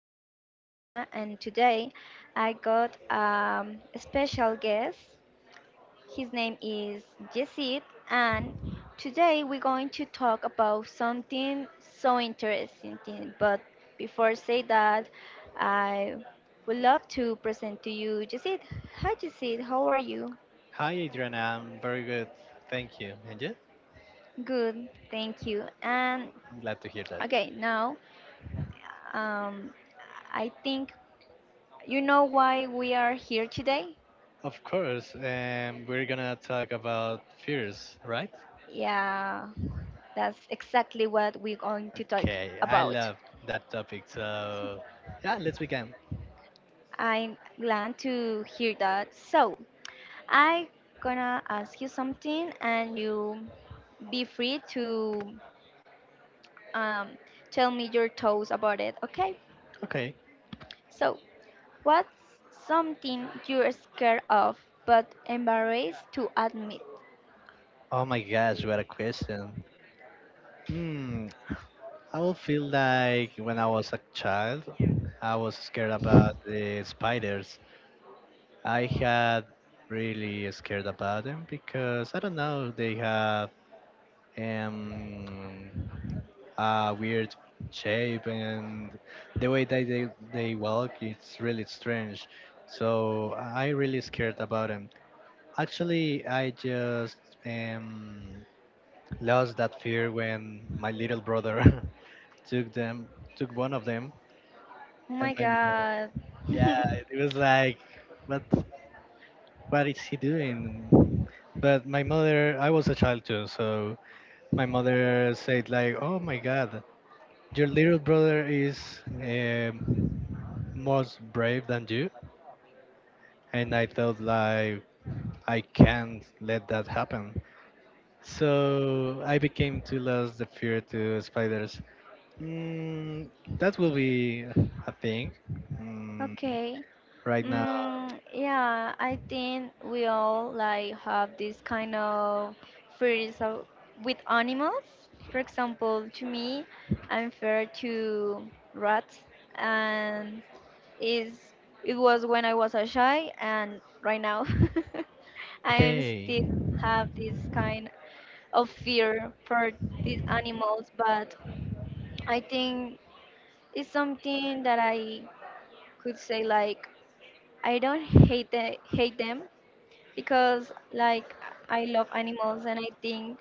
is Adriana, and today I got a special guest. His name is Yesid, and today we're going to talk about something so interesting. But before I say that, I would love to present to you Yesid. Hi, Yesid. How are you? Hi, Adriana. I'm very good. Thank you. And you? Good, thank you. And I'm glad to hear that. okay, now um, I think you know why we are here today? Of course, we're gonna talk about fears, right? Yeah, that's exactly what we're going to talk Okay, I about. love that topic. So, yeah, let's begin. I'm glad to hear that. So, I gonna ask you something and you be free to um, tell me your thoughts about it, okay? Okay. So, what's something you're scared of but embarrassed to admit? Oh my gosh, what a question. Hmm, I will feel like when I was a child, I was scared about the spiders. I had really scared about them because I don't know, they have and a weird shape and the way that they walk it's really strange, so I really scared about them. Actually, I just um, lost that fear when my little brother took them, took one of them, Oh and my my mom, god. yeah, it was like, what, is he doing? But my mother, I was a child too, so my mother said like, oh my god, your little brother is most brave than you, and I thought like, I can't let that happen. So I became to lose the fear to spiders. Mm, that will be a thing. Mm, Okay. right now, Mm, yeah, I think we all like have this kind of fears of, with animals. For example, to me, I'm fair to rats, and is it was when I was a shy, and right now, I'm okay. still have this kind of fear for these animals. But I think it's something that I could say like I don't hate them, because like I love animals and I think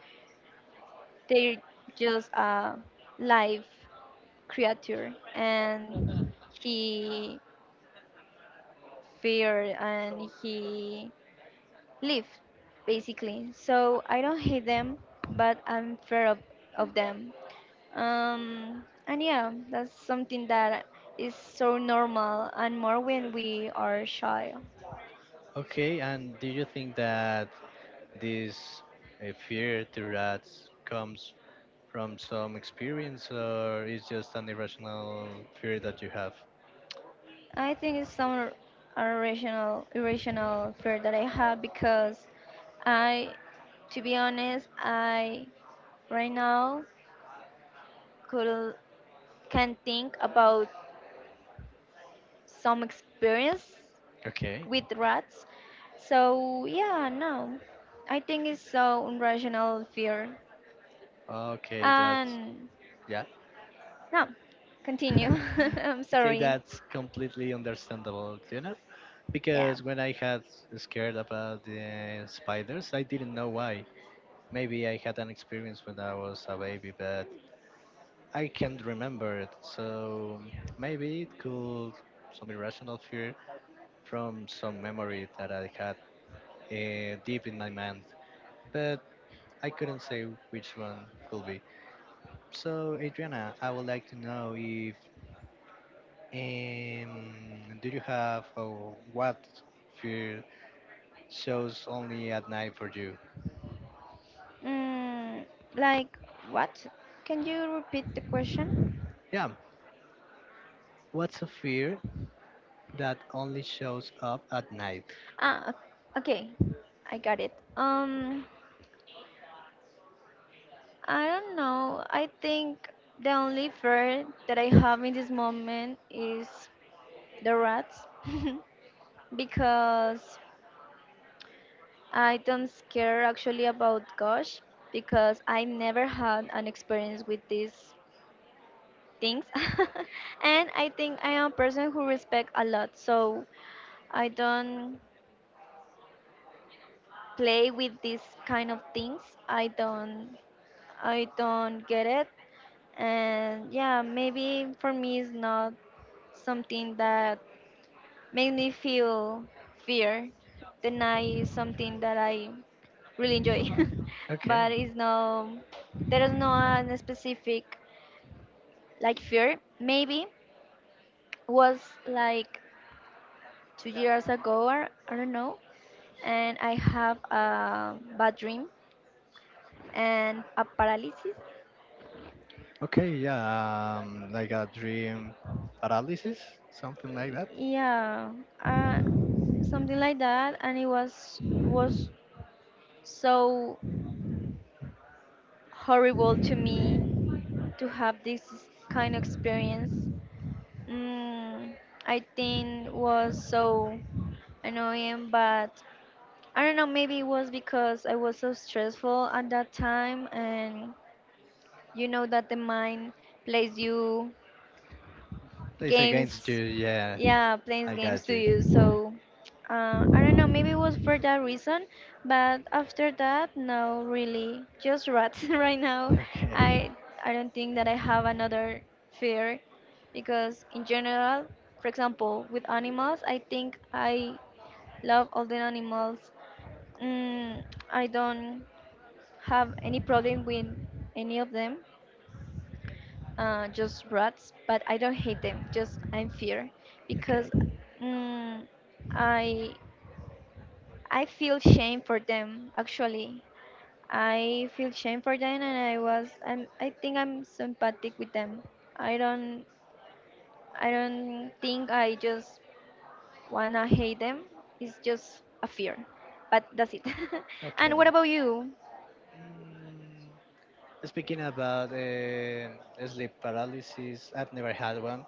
they're just a live creature and he feared and he lived basically. So I don't hate them, but I'm fair of them. And yeah, that's something that is so normal and more when we are shy. Okay. And do you think that this fear to rats comes from some experience, or it's just an irrational fear that you have? I think it's some irrational fear that I have because I, to be honest, I right now could can think about some experience Okay. with rats. So yeah, no, I think it's so irrational fear. Okay, that's And yeah. no, continue. I'm Okay, sorry. that's completely understandable, you know? Yeah. Because when I had scared about the spiders, I didn't know why. Maybe I had an experience when I was a baby, but I can't remember it. So maybe it could some irrational fear from some memory that I had deep in my mind, but I couldn't say which one could be. So, Adriana, I would like to know if do you have or what fear shows only at night for you? Mm, like what? Can you repeat the question? Yeah, what's a fear that only shows up at night? Ah, okay. I got it. I don't know. I think the only fear that I have in this moment is the rats because I don't scare actually about gosh because I never had an experience with these things. And I think I am a person who respect a lot, so I don't play with these kind of things. I don't I don't get it. And yeah, maybe for me it's not something that made me feel fear. The night is something that I really enjoy, but Okay. it's no, there is no an specific like fear. Maybe was like 2 years ago or I don't know, and I have a bad dream and a paralysis. Okay, yeah, like a dream paralysis, something like that. Yeah, uh, something like that, and it was so horrible to me to have this kind of experience. Mm, I think was so annoying, but I don't know. Maybe it was because I was so stressful at that time, and you know that the mind plays you It's against you, games. yeah. Yeah, playing I games got to you. you. So I don't know, maybe it was for that reason, but after that, no, really just rats right now. Okay. I i don't think that I have another fear because in general, for example with animals, I think I love all the animals. Mm, I don't have any problem with any of them. Just rats, but I don't hate them. Just I'm fear Okay. because mm, I I feel shame for them. Actually, I feel shame for them, and I was I think I'm sympathetic with them. I don't I don't think I just wanna hate them. It's just a fear, but that's it. Okay. And what about you? Mm, speaking about sleep paralysis, I've never had one.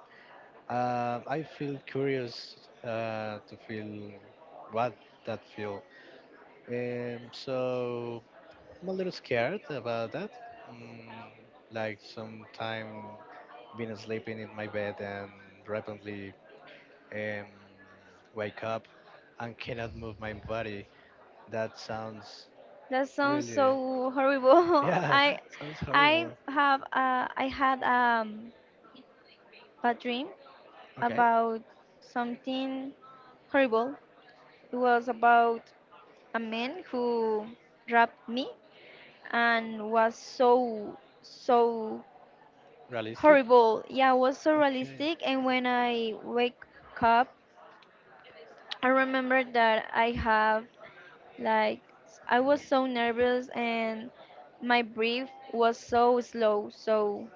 I feel curious to feel what that feel. So I'm a little scared about that. Mm, like sometime been sleeping in my bed and rapidly um, wake up and cannot move my body. That sounds That sounds really, so horrible. yeah, I sounds I horrible. have I had bad dream Okay, about something horrible. It was about a man who grabbed me and was so, so realistic. horrible. Yeah, it was so realistic. Okay. And when I wake up, I remember that I have like, I was so nervous and my breath was so slow. So,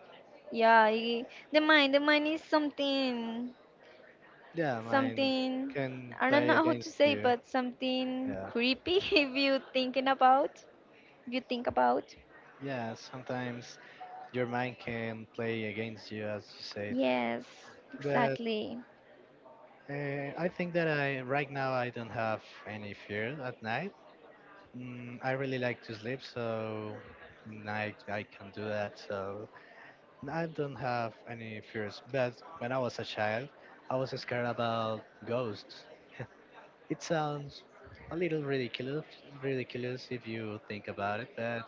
yeah, I, the mind is something. Yeah, mine Something can I don't know play how to against say, you. but something Yeah. creepy if you thinking about. If you think about. Yeah, sometimes your mind can play against you, as you said. Yes, But exactly. I think that I right now I don't have any fear at night. I really like to sleep, so I can do that. So I don't have any fears. But when I was a child, I was scared about ghosts. It sounds a little ridiculous, if you think about it, but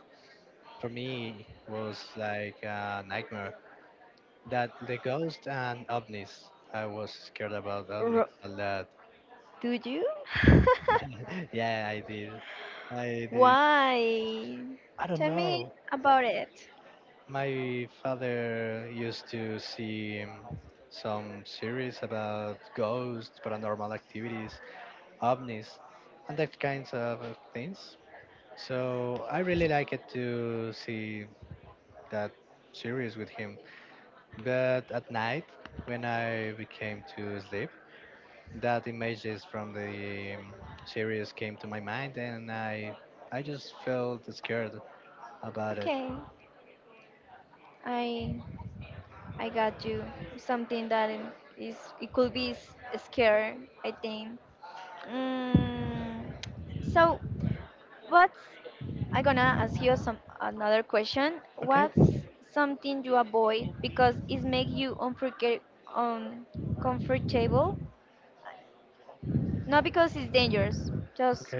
for me was like a nightmare. That the ghost and ovnis. I was scared about ovnis Ro- a lot. Do you? Yeah, I did. I did. Why? I don't Tell me know. about it. My father used to see some series about ghosts, paranormal activities, ovnis, and that kinds of things. So I really liked to see that series with him. But at night, when I became to sleep, that images from the series came to my mind, and I just felt scared about it. Okay, I I got you. Something that is it could be scary. I think. Mm, so what's I gonna ask you some another question. What's something you avoid because it makes you unforget uncomfortable? Not because it's dangerous, just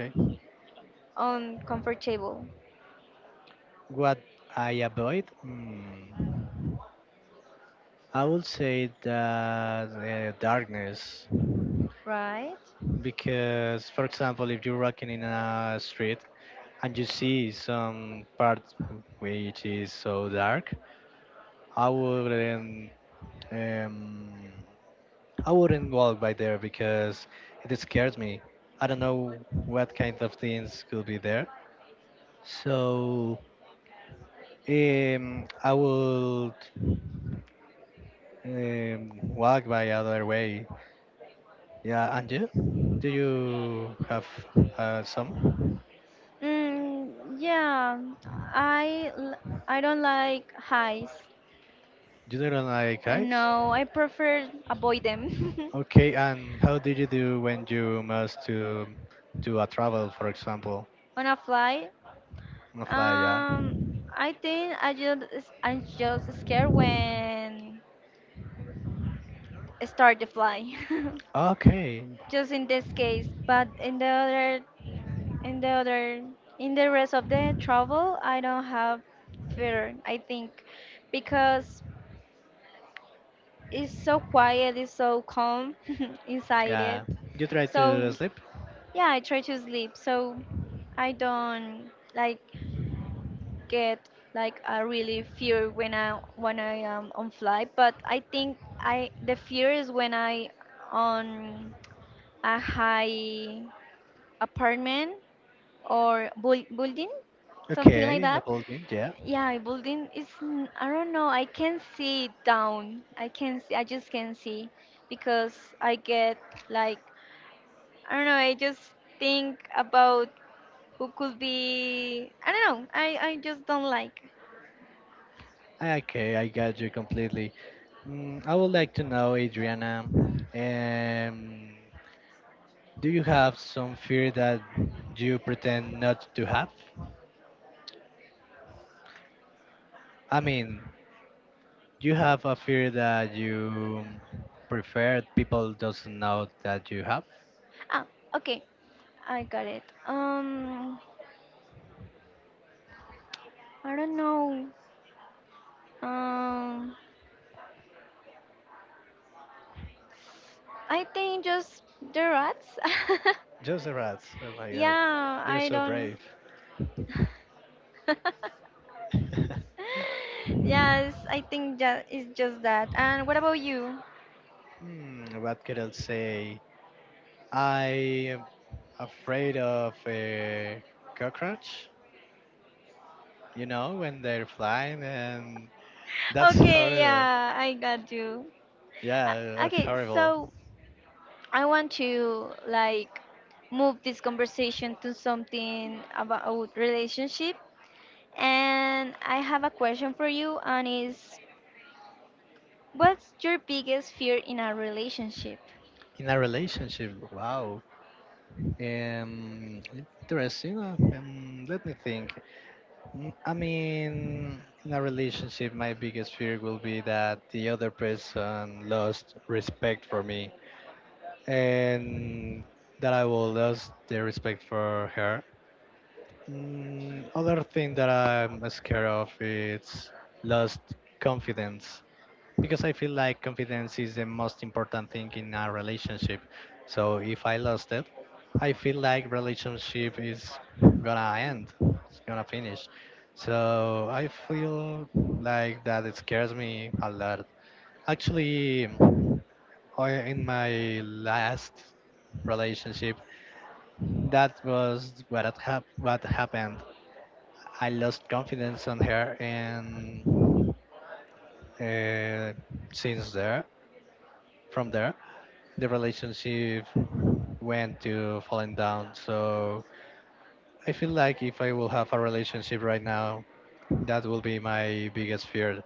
uncomfortable, What I avoid, I would say that darkness. right? Because for example if you're walking in a street and you see some part which is so dark, I wouldn't um, I wouldn't walk by there because it scares me. I don't know what kind of things could be there, so I would walk by other way. Yeah, and you, do you have some, Mm, yeah, I l- I don't like highs. you don't like I hikes? know I prefer avoid them. Okay, and how did you do when you must to do a travel, for example, On a flight. on a flight? Yeah. Um, I think I'm just scared when start the fly, Okay. just in this case. But in the other, in the rest of the travel, I don't have fear, I think, because it's so quiet, it's so calm inside it. Yeah. You try to So sleep? yeah, I try to sleep. So I don't like get like a really fear when I am on flight. But I think I the fear is when I on a high apartment or building, something like Okay, in the that. building. Yeah. Yeah, building is I don't know. I can see it down. I can see. I just can see because I get like I don't know. I just think about who could be. I don't know. I just don't like. Ah, okay, I got you completely. I would like to know, Adriana, um, do you have some fear that you pretend not to have? I mean, do you have a fear that you prefer people doesn't know that you have? Ah, okay. I got it. I don't know. Um, I think just the rats. Just the rats. Oh my god. Yeah, They're I so don't. brave. Yes, I think it's just that. And what about you? Hmm, what could I say? I am afraid of a cockroach, you know, when they're flying, and that's Okay, horrible. yeah, I got you. Yeah, Okay, horrible. so I want to like move this conversation to something about relationship. And I have a question for you, and is what's your biggest fear in a relationship? In a relationship, wow. Um, interesting. Let me think. I mean, in a relationship, my biggest fear will be that the other person lost respect for me and that I will lose the respect for her. Other thing that I'm scared of is lost confidence, because I feel like confidence is the most important thing in a relationship. So if I lost it, I feel like relationship is gonna end, it's gonna finish. So I feel like that it scares me a lot. Actually, in my last relationship, that was what had what happened. I lost confidence on her, and uh, since there, from there, the relationship went to falling down. So I feel like if I will have a relationship right now, that will be my biggest fear.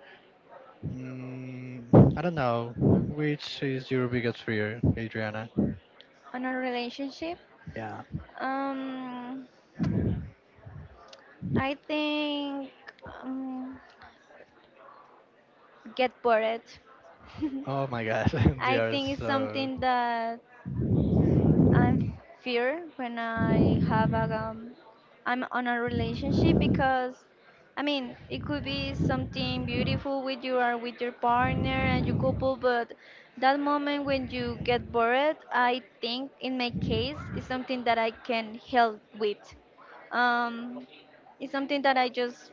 Mm, I don't know. Which is your biggest fear, Adriana? On a relationship, Yeah. um, I think um, get bored. Oh my gosh, they I are think it's so. something that I'm fear when I have a I'm on a relationship because I mean it could be something beautiful with you or with your partner and your couple, but that moment when you get bored, I think in my case is something that I can help with. Um, it's something that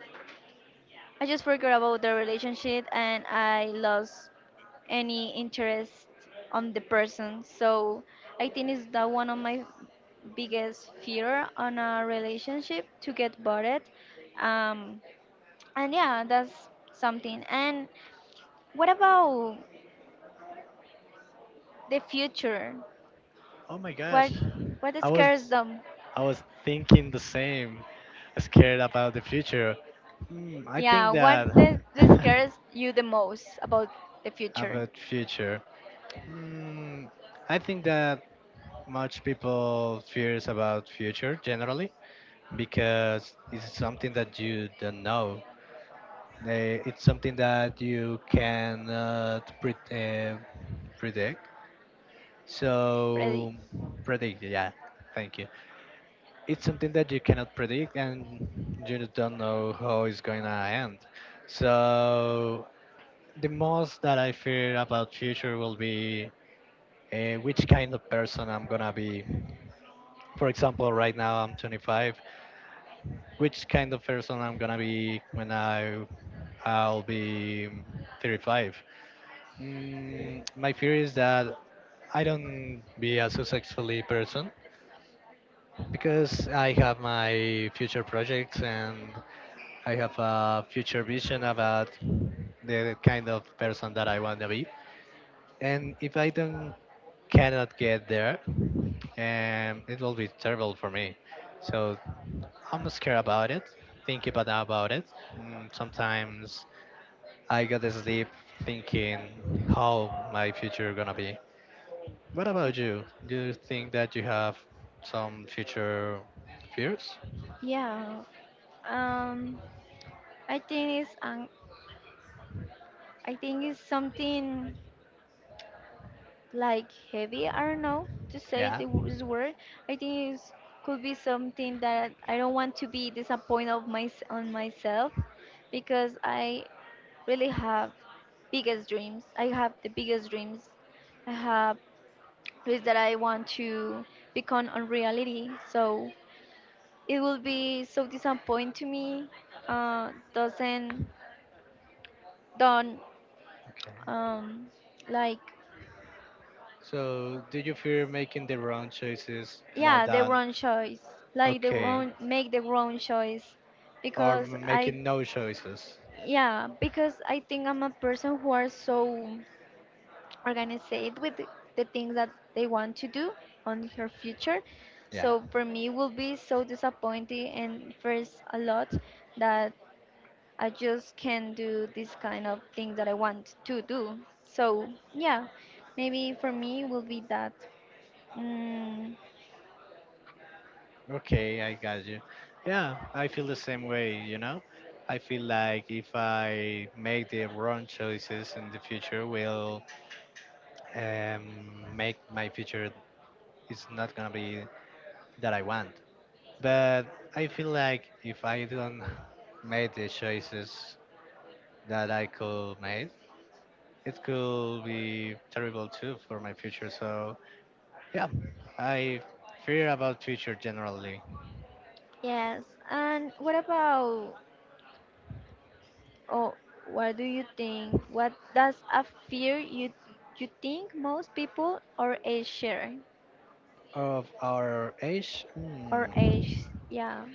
I just forgot about the relationship and I lost any interest on the person. So I think it's that one of my biggest fear on a relationship to get bored. Um, and yeah, that's something. And what about the future? Oh my What gosh, what I scares was them? I was thinking the same, scared about the future. I Yeah, think that that scares you the most about the future, about future. Mm, I think that much people fears about future generally because it's something that you don't know. It's something that you cannot predict. Freddy? So predict, yeah. Thank you. It's something that you cannot predict and you don't know how it's going to end. So the most that I fear about future will be which kind of person I'm gonna be, for example, right now I'm 25. Which kind of person I'm gonna be when I'll be 35? My fear is that I don't be a successfully person because I have my future projects and I have a future vision about the kind of person that I want to be. And if I don't cannot get there, it will be terrible for me. So I'm scared about it, thinking about it. Sometimes I go to sleep thinking how my future gonna be. What about you? Do you think that you have some future fears? Yeah, um, I think it's an I think it's something like heavy. I don't know to say Yeah. the this word. I think it could be something that I don't want to be disappointed of my on myself because I really have biggest dreams. I have the biggest dreams. I have dreams that I want to become on reality. So it will be so disappointing to me. Uh, doesn't don't Okay. um, like So do you fear making the wrong choices more yeah the than wrong choice like the okay, wrong make the wrong choice or because I making no choices? yeah because I think I'm a person who are so organized with the things that they want to do on her future. Yeah. So for me it will be so disappointing and first a lot that I just can't do this kind of things that I want to do. So yeah, maybe for me it will be that. Mm, Okay, I got you. Yeah, I feel the same way, you know? I feel like if I make the wrong choices in the future will um, make my future, it's not gonna be that I want. But I feel like if I don't make the choices that I could make, it could be terrible too for my future. So yeah, I fear about future generally. yes, and what about oh, what do you think? What does a fear you you think most people our age share? Of our age, Our hmm. age, yeah.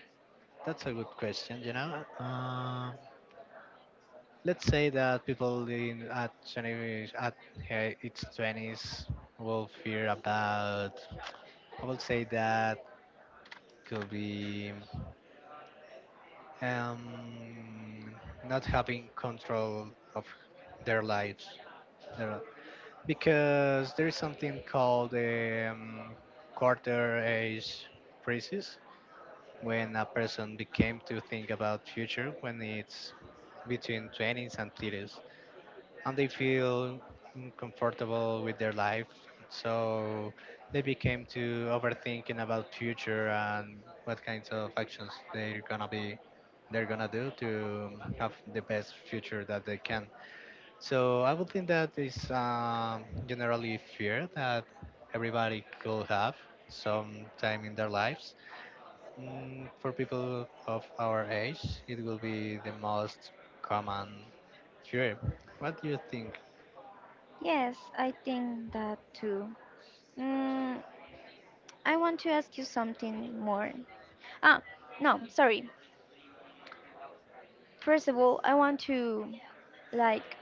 That's a good question. You know, Um let's say that people in at 20 at its twenties will fear about. I would say that could be um, not having control of their lives, their, because there is something called quarter age crisis, when a person became to think about future when it's between 20s and 30s and they feel comfortable with their life, so they became to overthinking about future and what kinds of actions they're gonna be they're gonna do to have the best future that they can. So I would think that is generally fear that everybody could have sometime in their lives. For people of our age it will be the most common fear. What do you think? Yes, I think that too. Mm, I want to ask you something more. Ah, no, sorry. First of all, I want to like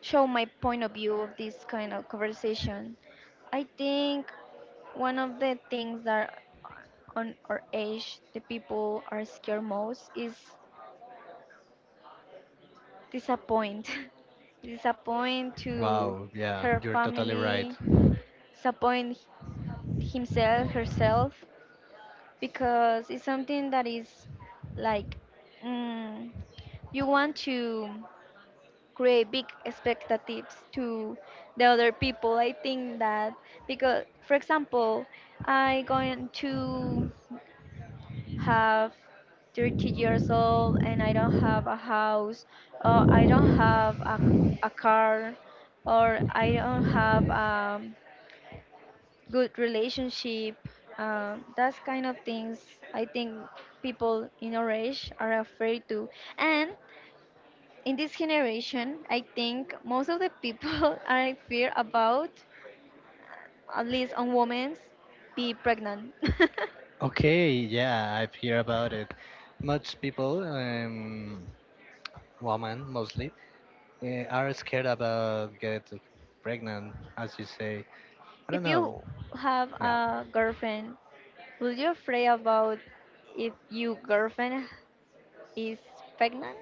show my point of view of this kind of conversation. I think one of the things that on our age the people are scared most is disappoint disappoint to Wow, yeah, her you're totally right. family, disappoint himself herself, because it's something that is like mm, you want to create big expectatives to the other people, I think, that because for example I going to have 30 years old and I don't have a house, or I don't have a car, or I don't have a good relationship. That's kind of things I think people in our age are afraid to. And in this generation, I think most of the people are in fear about, at least on women's, be pregnant. Okay, yeah, I've heard about it. Much people, women mostly, are scared about get pregnant, as you say. I If don't you know. have Yeah, a girlfriend, would you afraid about if your girlfriend is pregnant?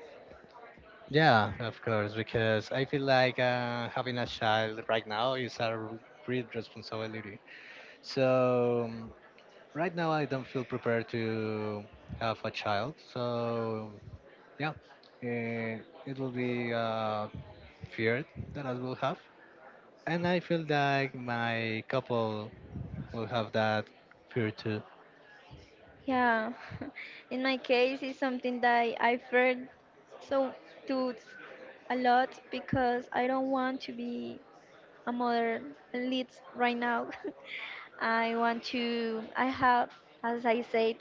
yeah, of course, because I feel like having a child right now is a great responsibility. So right now I don't feel prepared to have a child. So yeah, it will be feared that I will have, and I feel like my couple will have that fear too. Yeah, in my case, it's something that I feared so to a lot because I don't want to be a mother at least right now. I want to. I have, as I said,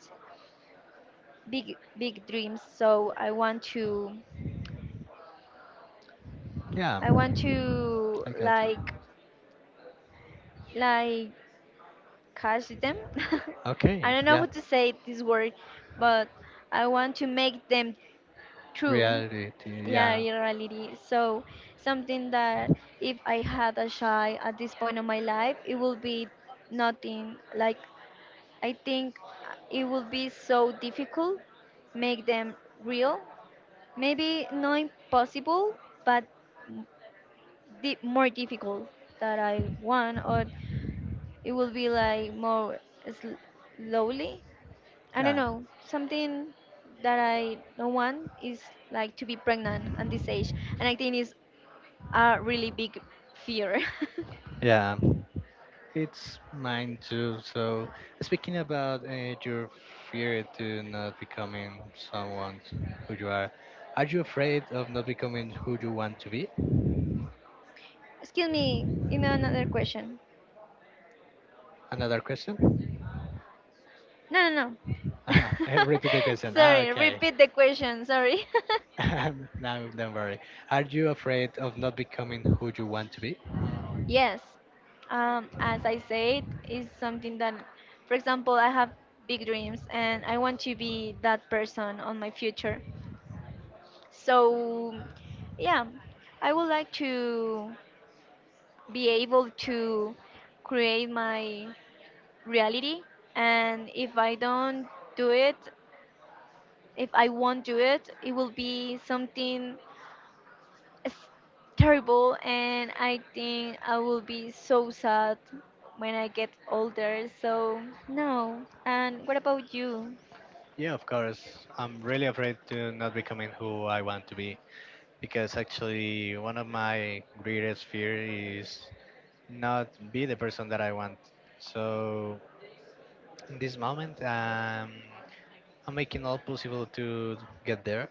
big big dreams. So I want to. Yeah, I want to I got you. Like cash them. Okay, I don't know yeah, how to say this word, but I want to make them true. reality. Yeah, Yeah, in reality. So something that if I had a child at this point of my life, it would be nothing. Like I think it would be so difficult make them real. Maybe not impossible, but more difficult that I want, or it will be like more sl- slowly. I don't yeah, know. Something that I don't want is like to be pregnant at this age, and I think it's a really big fear. yeah. It's mine too. So, speaking about your fear to not becoming someone who you are you afraid of not becoming who you want to be? Excuse me. Give me another question. Another question? No, no, no. Ah, repeat the question. Ah, Sorry. okay. Repeat the question. Sorry. No, don't worry. Are you afraid of not becoming who you want to be? Yes. As I said, is something that, for example, I have big dreams and I want to be that person on my future. So, yeah, I would like to be able to create my reality. And if I don't do it, if I won't do it, it will be something s- terrible. And I think I will be so sad when I get older. So, no. And what about you? Yeah, of course. I'm really afraid to not becoming who I want to be, because actually one of my greatest fear is not be the person that I want. So in this moment, I'm making all possible to get there,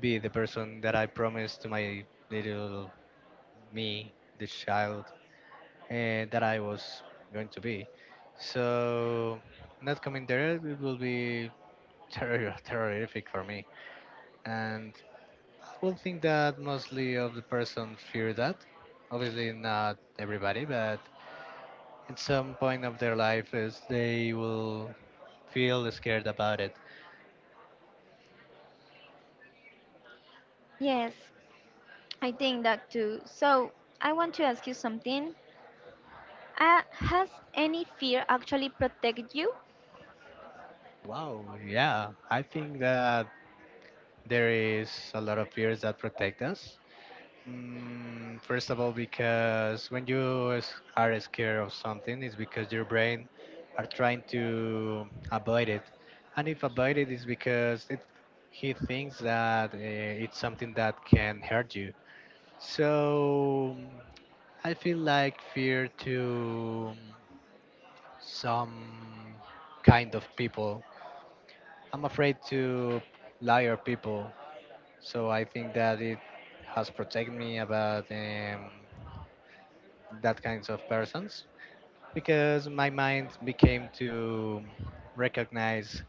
be the person that I promised to my little me, the child that I was going to be. So not coming there, it will be terrific for me, and I will think that mostly of the person fear that. Obviously, not everybody, but in some point of their life is they will feel scared about it. Yes, I think that too. So, I want to ask you something. Has any fear actually protected you? Wow, yeah, I think that there is a lot of fears that protect us. First of all, because when you are scared of something, it's because your brain are trying to avoid it, and if avoid it, it's because he thinks that it's something that can hurt you. So I feel like fear to some kind of people. I'm afraid to liar people, so I think that it has protected me about that kinds of persons because my mind became to recognize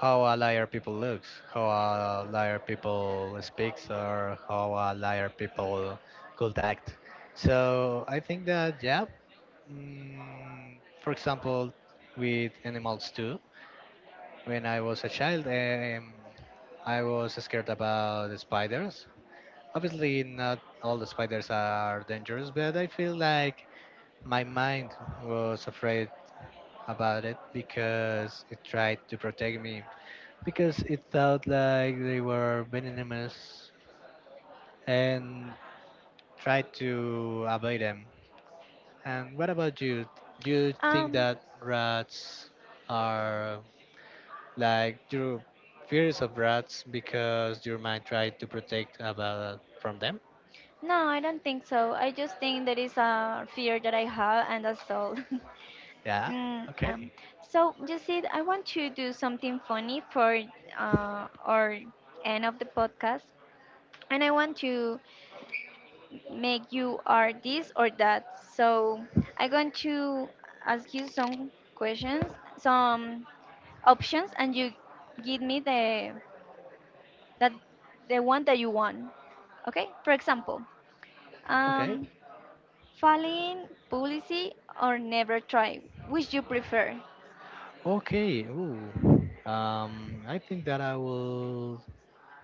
how a liar people looks, how a liar people speaks, or how a liar people could act. So I think that yeah, for example, with animals too. When I was a child, I was scared about the spiders. Obviously, not all the spiders are dangerous, but I feel like my mind was afraid about it because it tried to protect me because it thought like they were venomous and tried to avoid them. And what about you? Do you think Um, that rats are like your fears of rats because your mind tried to protect about from them? no, I don't think so. I just think there is a fear that I have, and that's all. Yeah, Mm, okay. So you see, I want to do something funny for our end of the podcast, and I want to make you are this or that. So I'm going to ask you some questions, some options, and you give me that the one that you want. Okay, for example, Okay. um, falling policy or never try. Which you prefer? Okay, ooh. I think that I will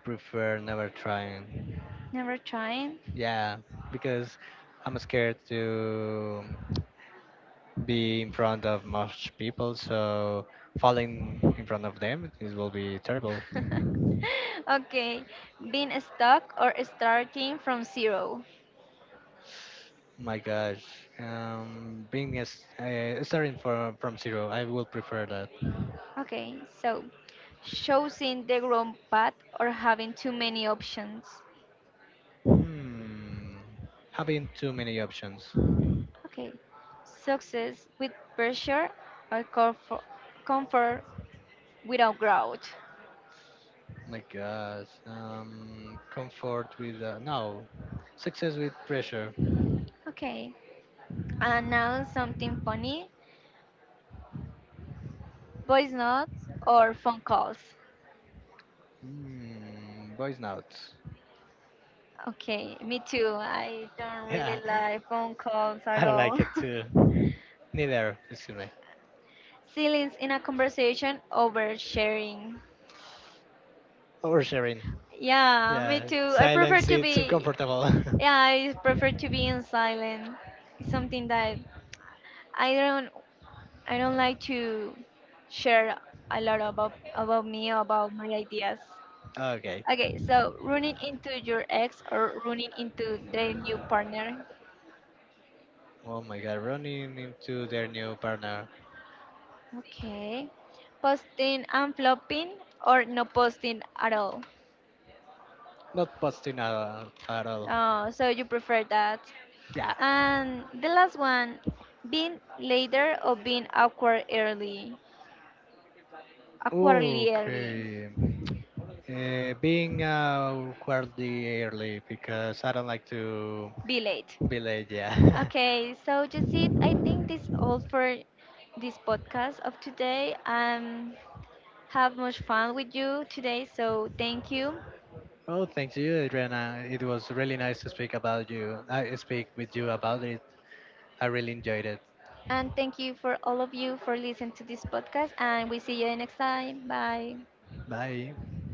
prefer never trying, Never trying. yeah, because I'm scared to be in front of much people, so falling in front of them it will be terrible. Okay, being stuck or starting from zero. My gosh, being as starting from zero, I will prefer that. Okay, so choosing the wrong path or having too many options. Hmm. Having too many options. Okay, success with pressure or comfort without growth. My God. Comfort with no. Success with pressure. Okay, and now something funny, voice notes or phone calls. Hmm. Voice notes. Okay, me too. I don't really like phone calls at all. Too. Neither. Excuse me. Ceilings in a conversation over sharing. Oversharing. Yeah, me too. I prefer to be Uncomfortable. yeah, I prefer to be in silent. It's something that I don't I don't like to share a lot about me about my ideas. Okay. Okay, so running into your ex or running into their new partner. Oh my god, running into their new partner. Okay. Posting and flopping or no posting at all. Not posting at all. Oh, so you prefer that. Yeah. And the last one, being later or being awkward early. Awkwardly early. Okay. Being awkwardly early because I don't like to Be late. be late, yeah. Okay, so just it. I think this all for this podcast of today. Have much fun with you today. So thank you. Oh, thank you, Adriana. It was really nice to speak about you. I speak with you about it. I really enjoyed it. And thank you for all of you for listening to this podcast. And we see you next time. Bye. Bye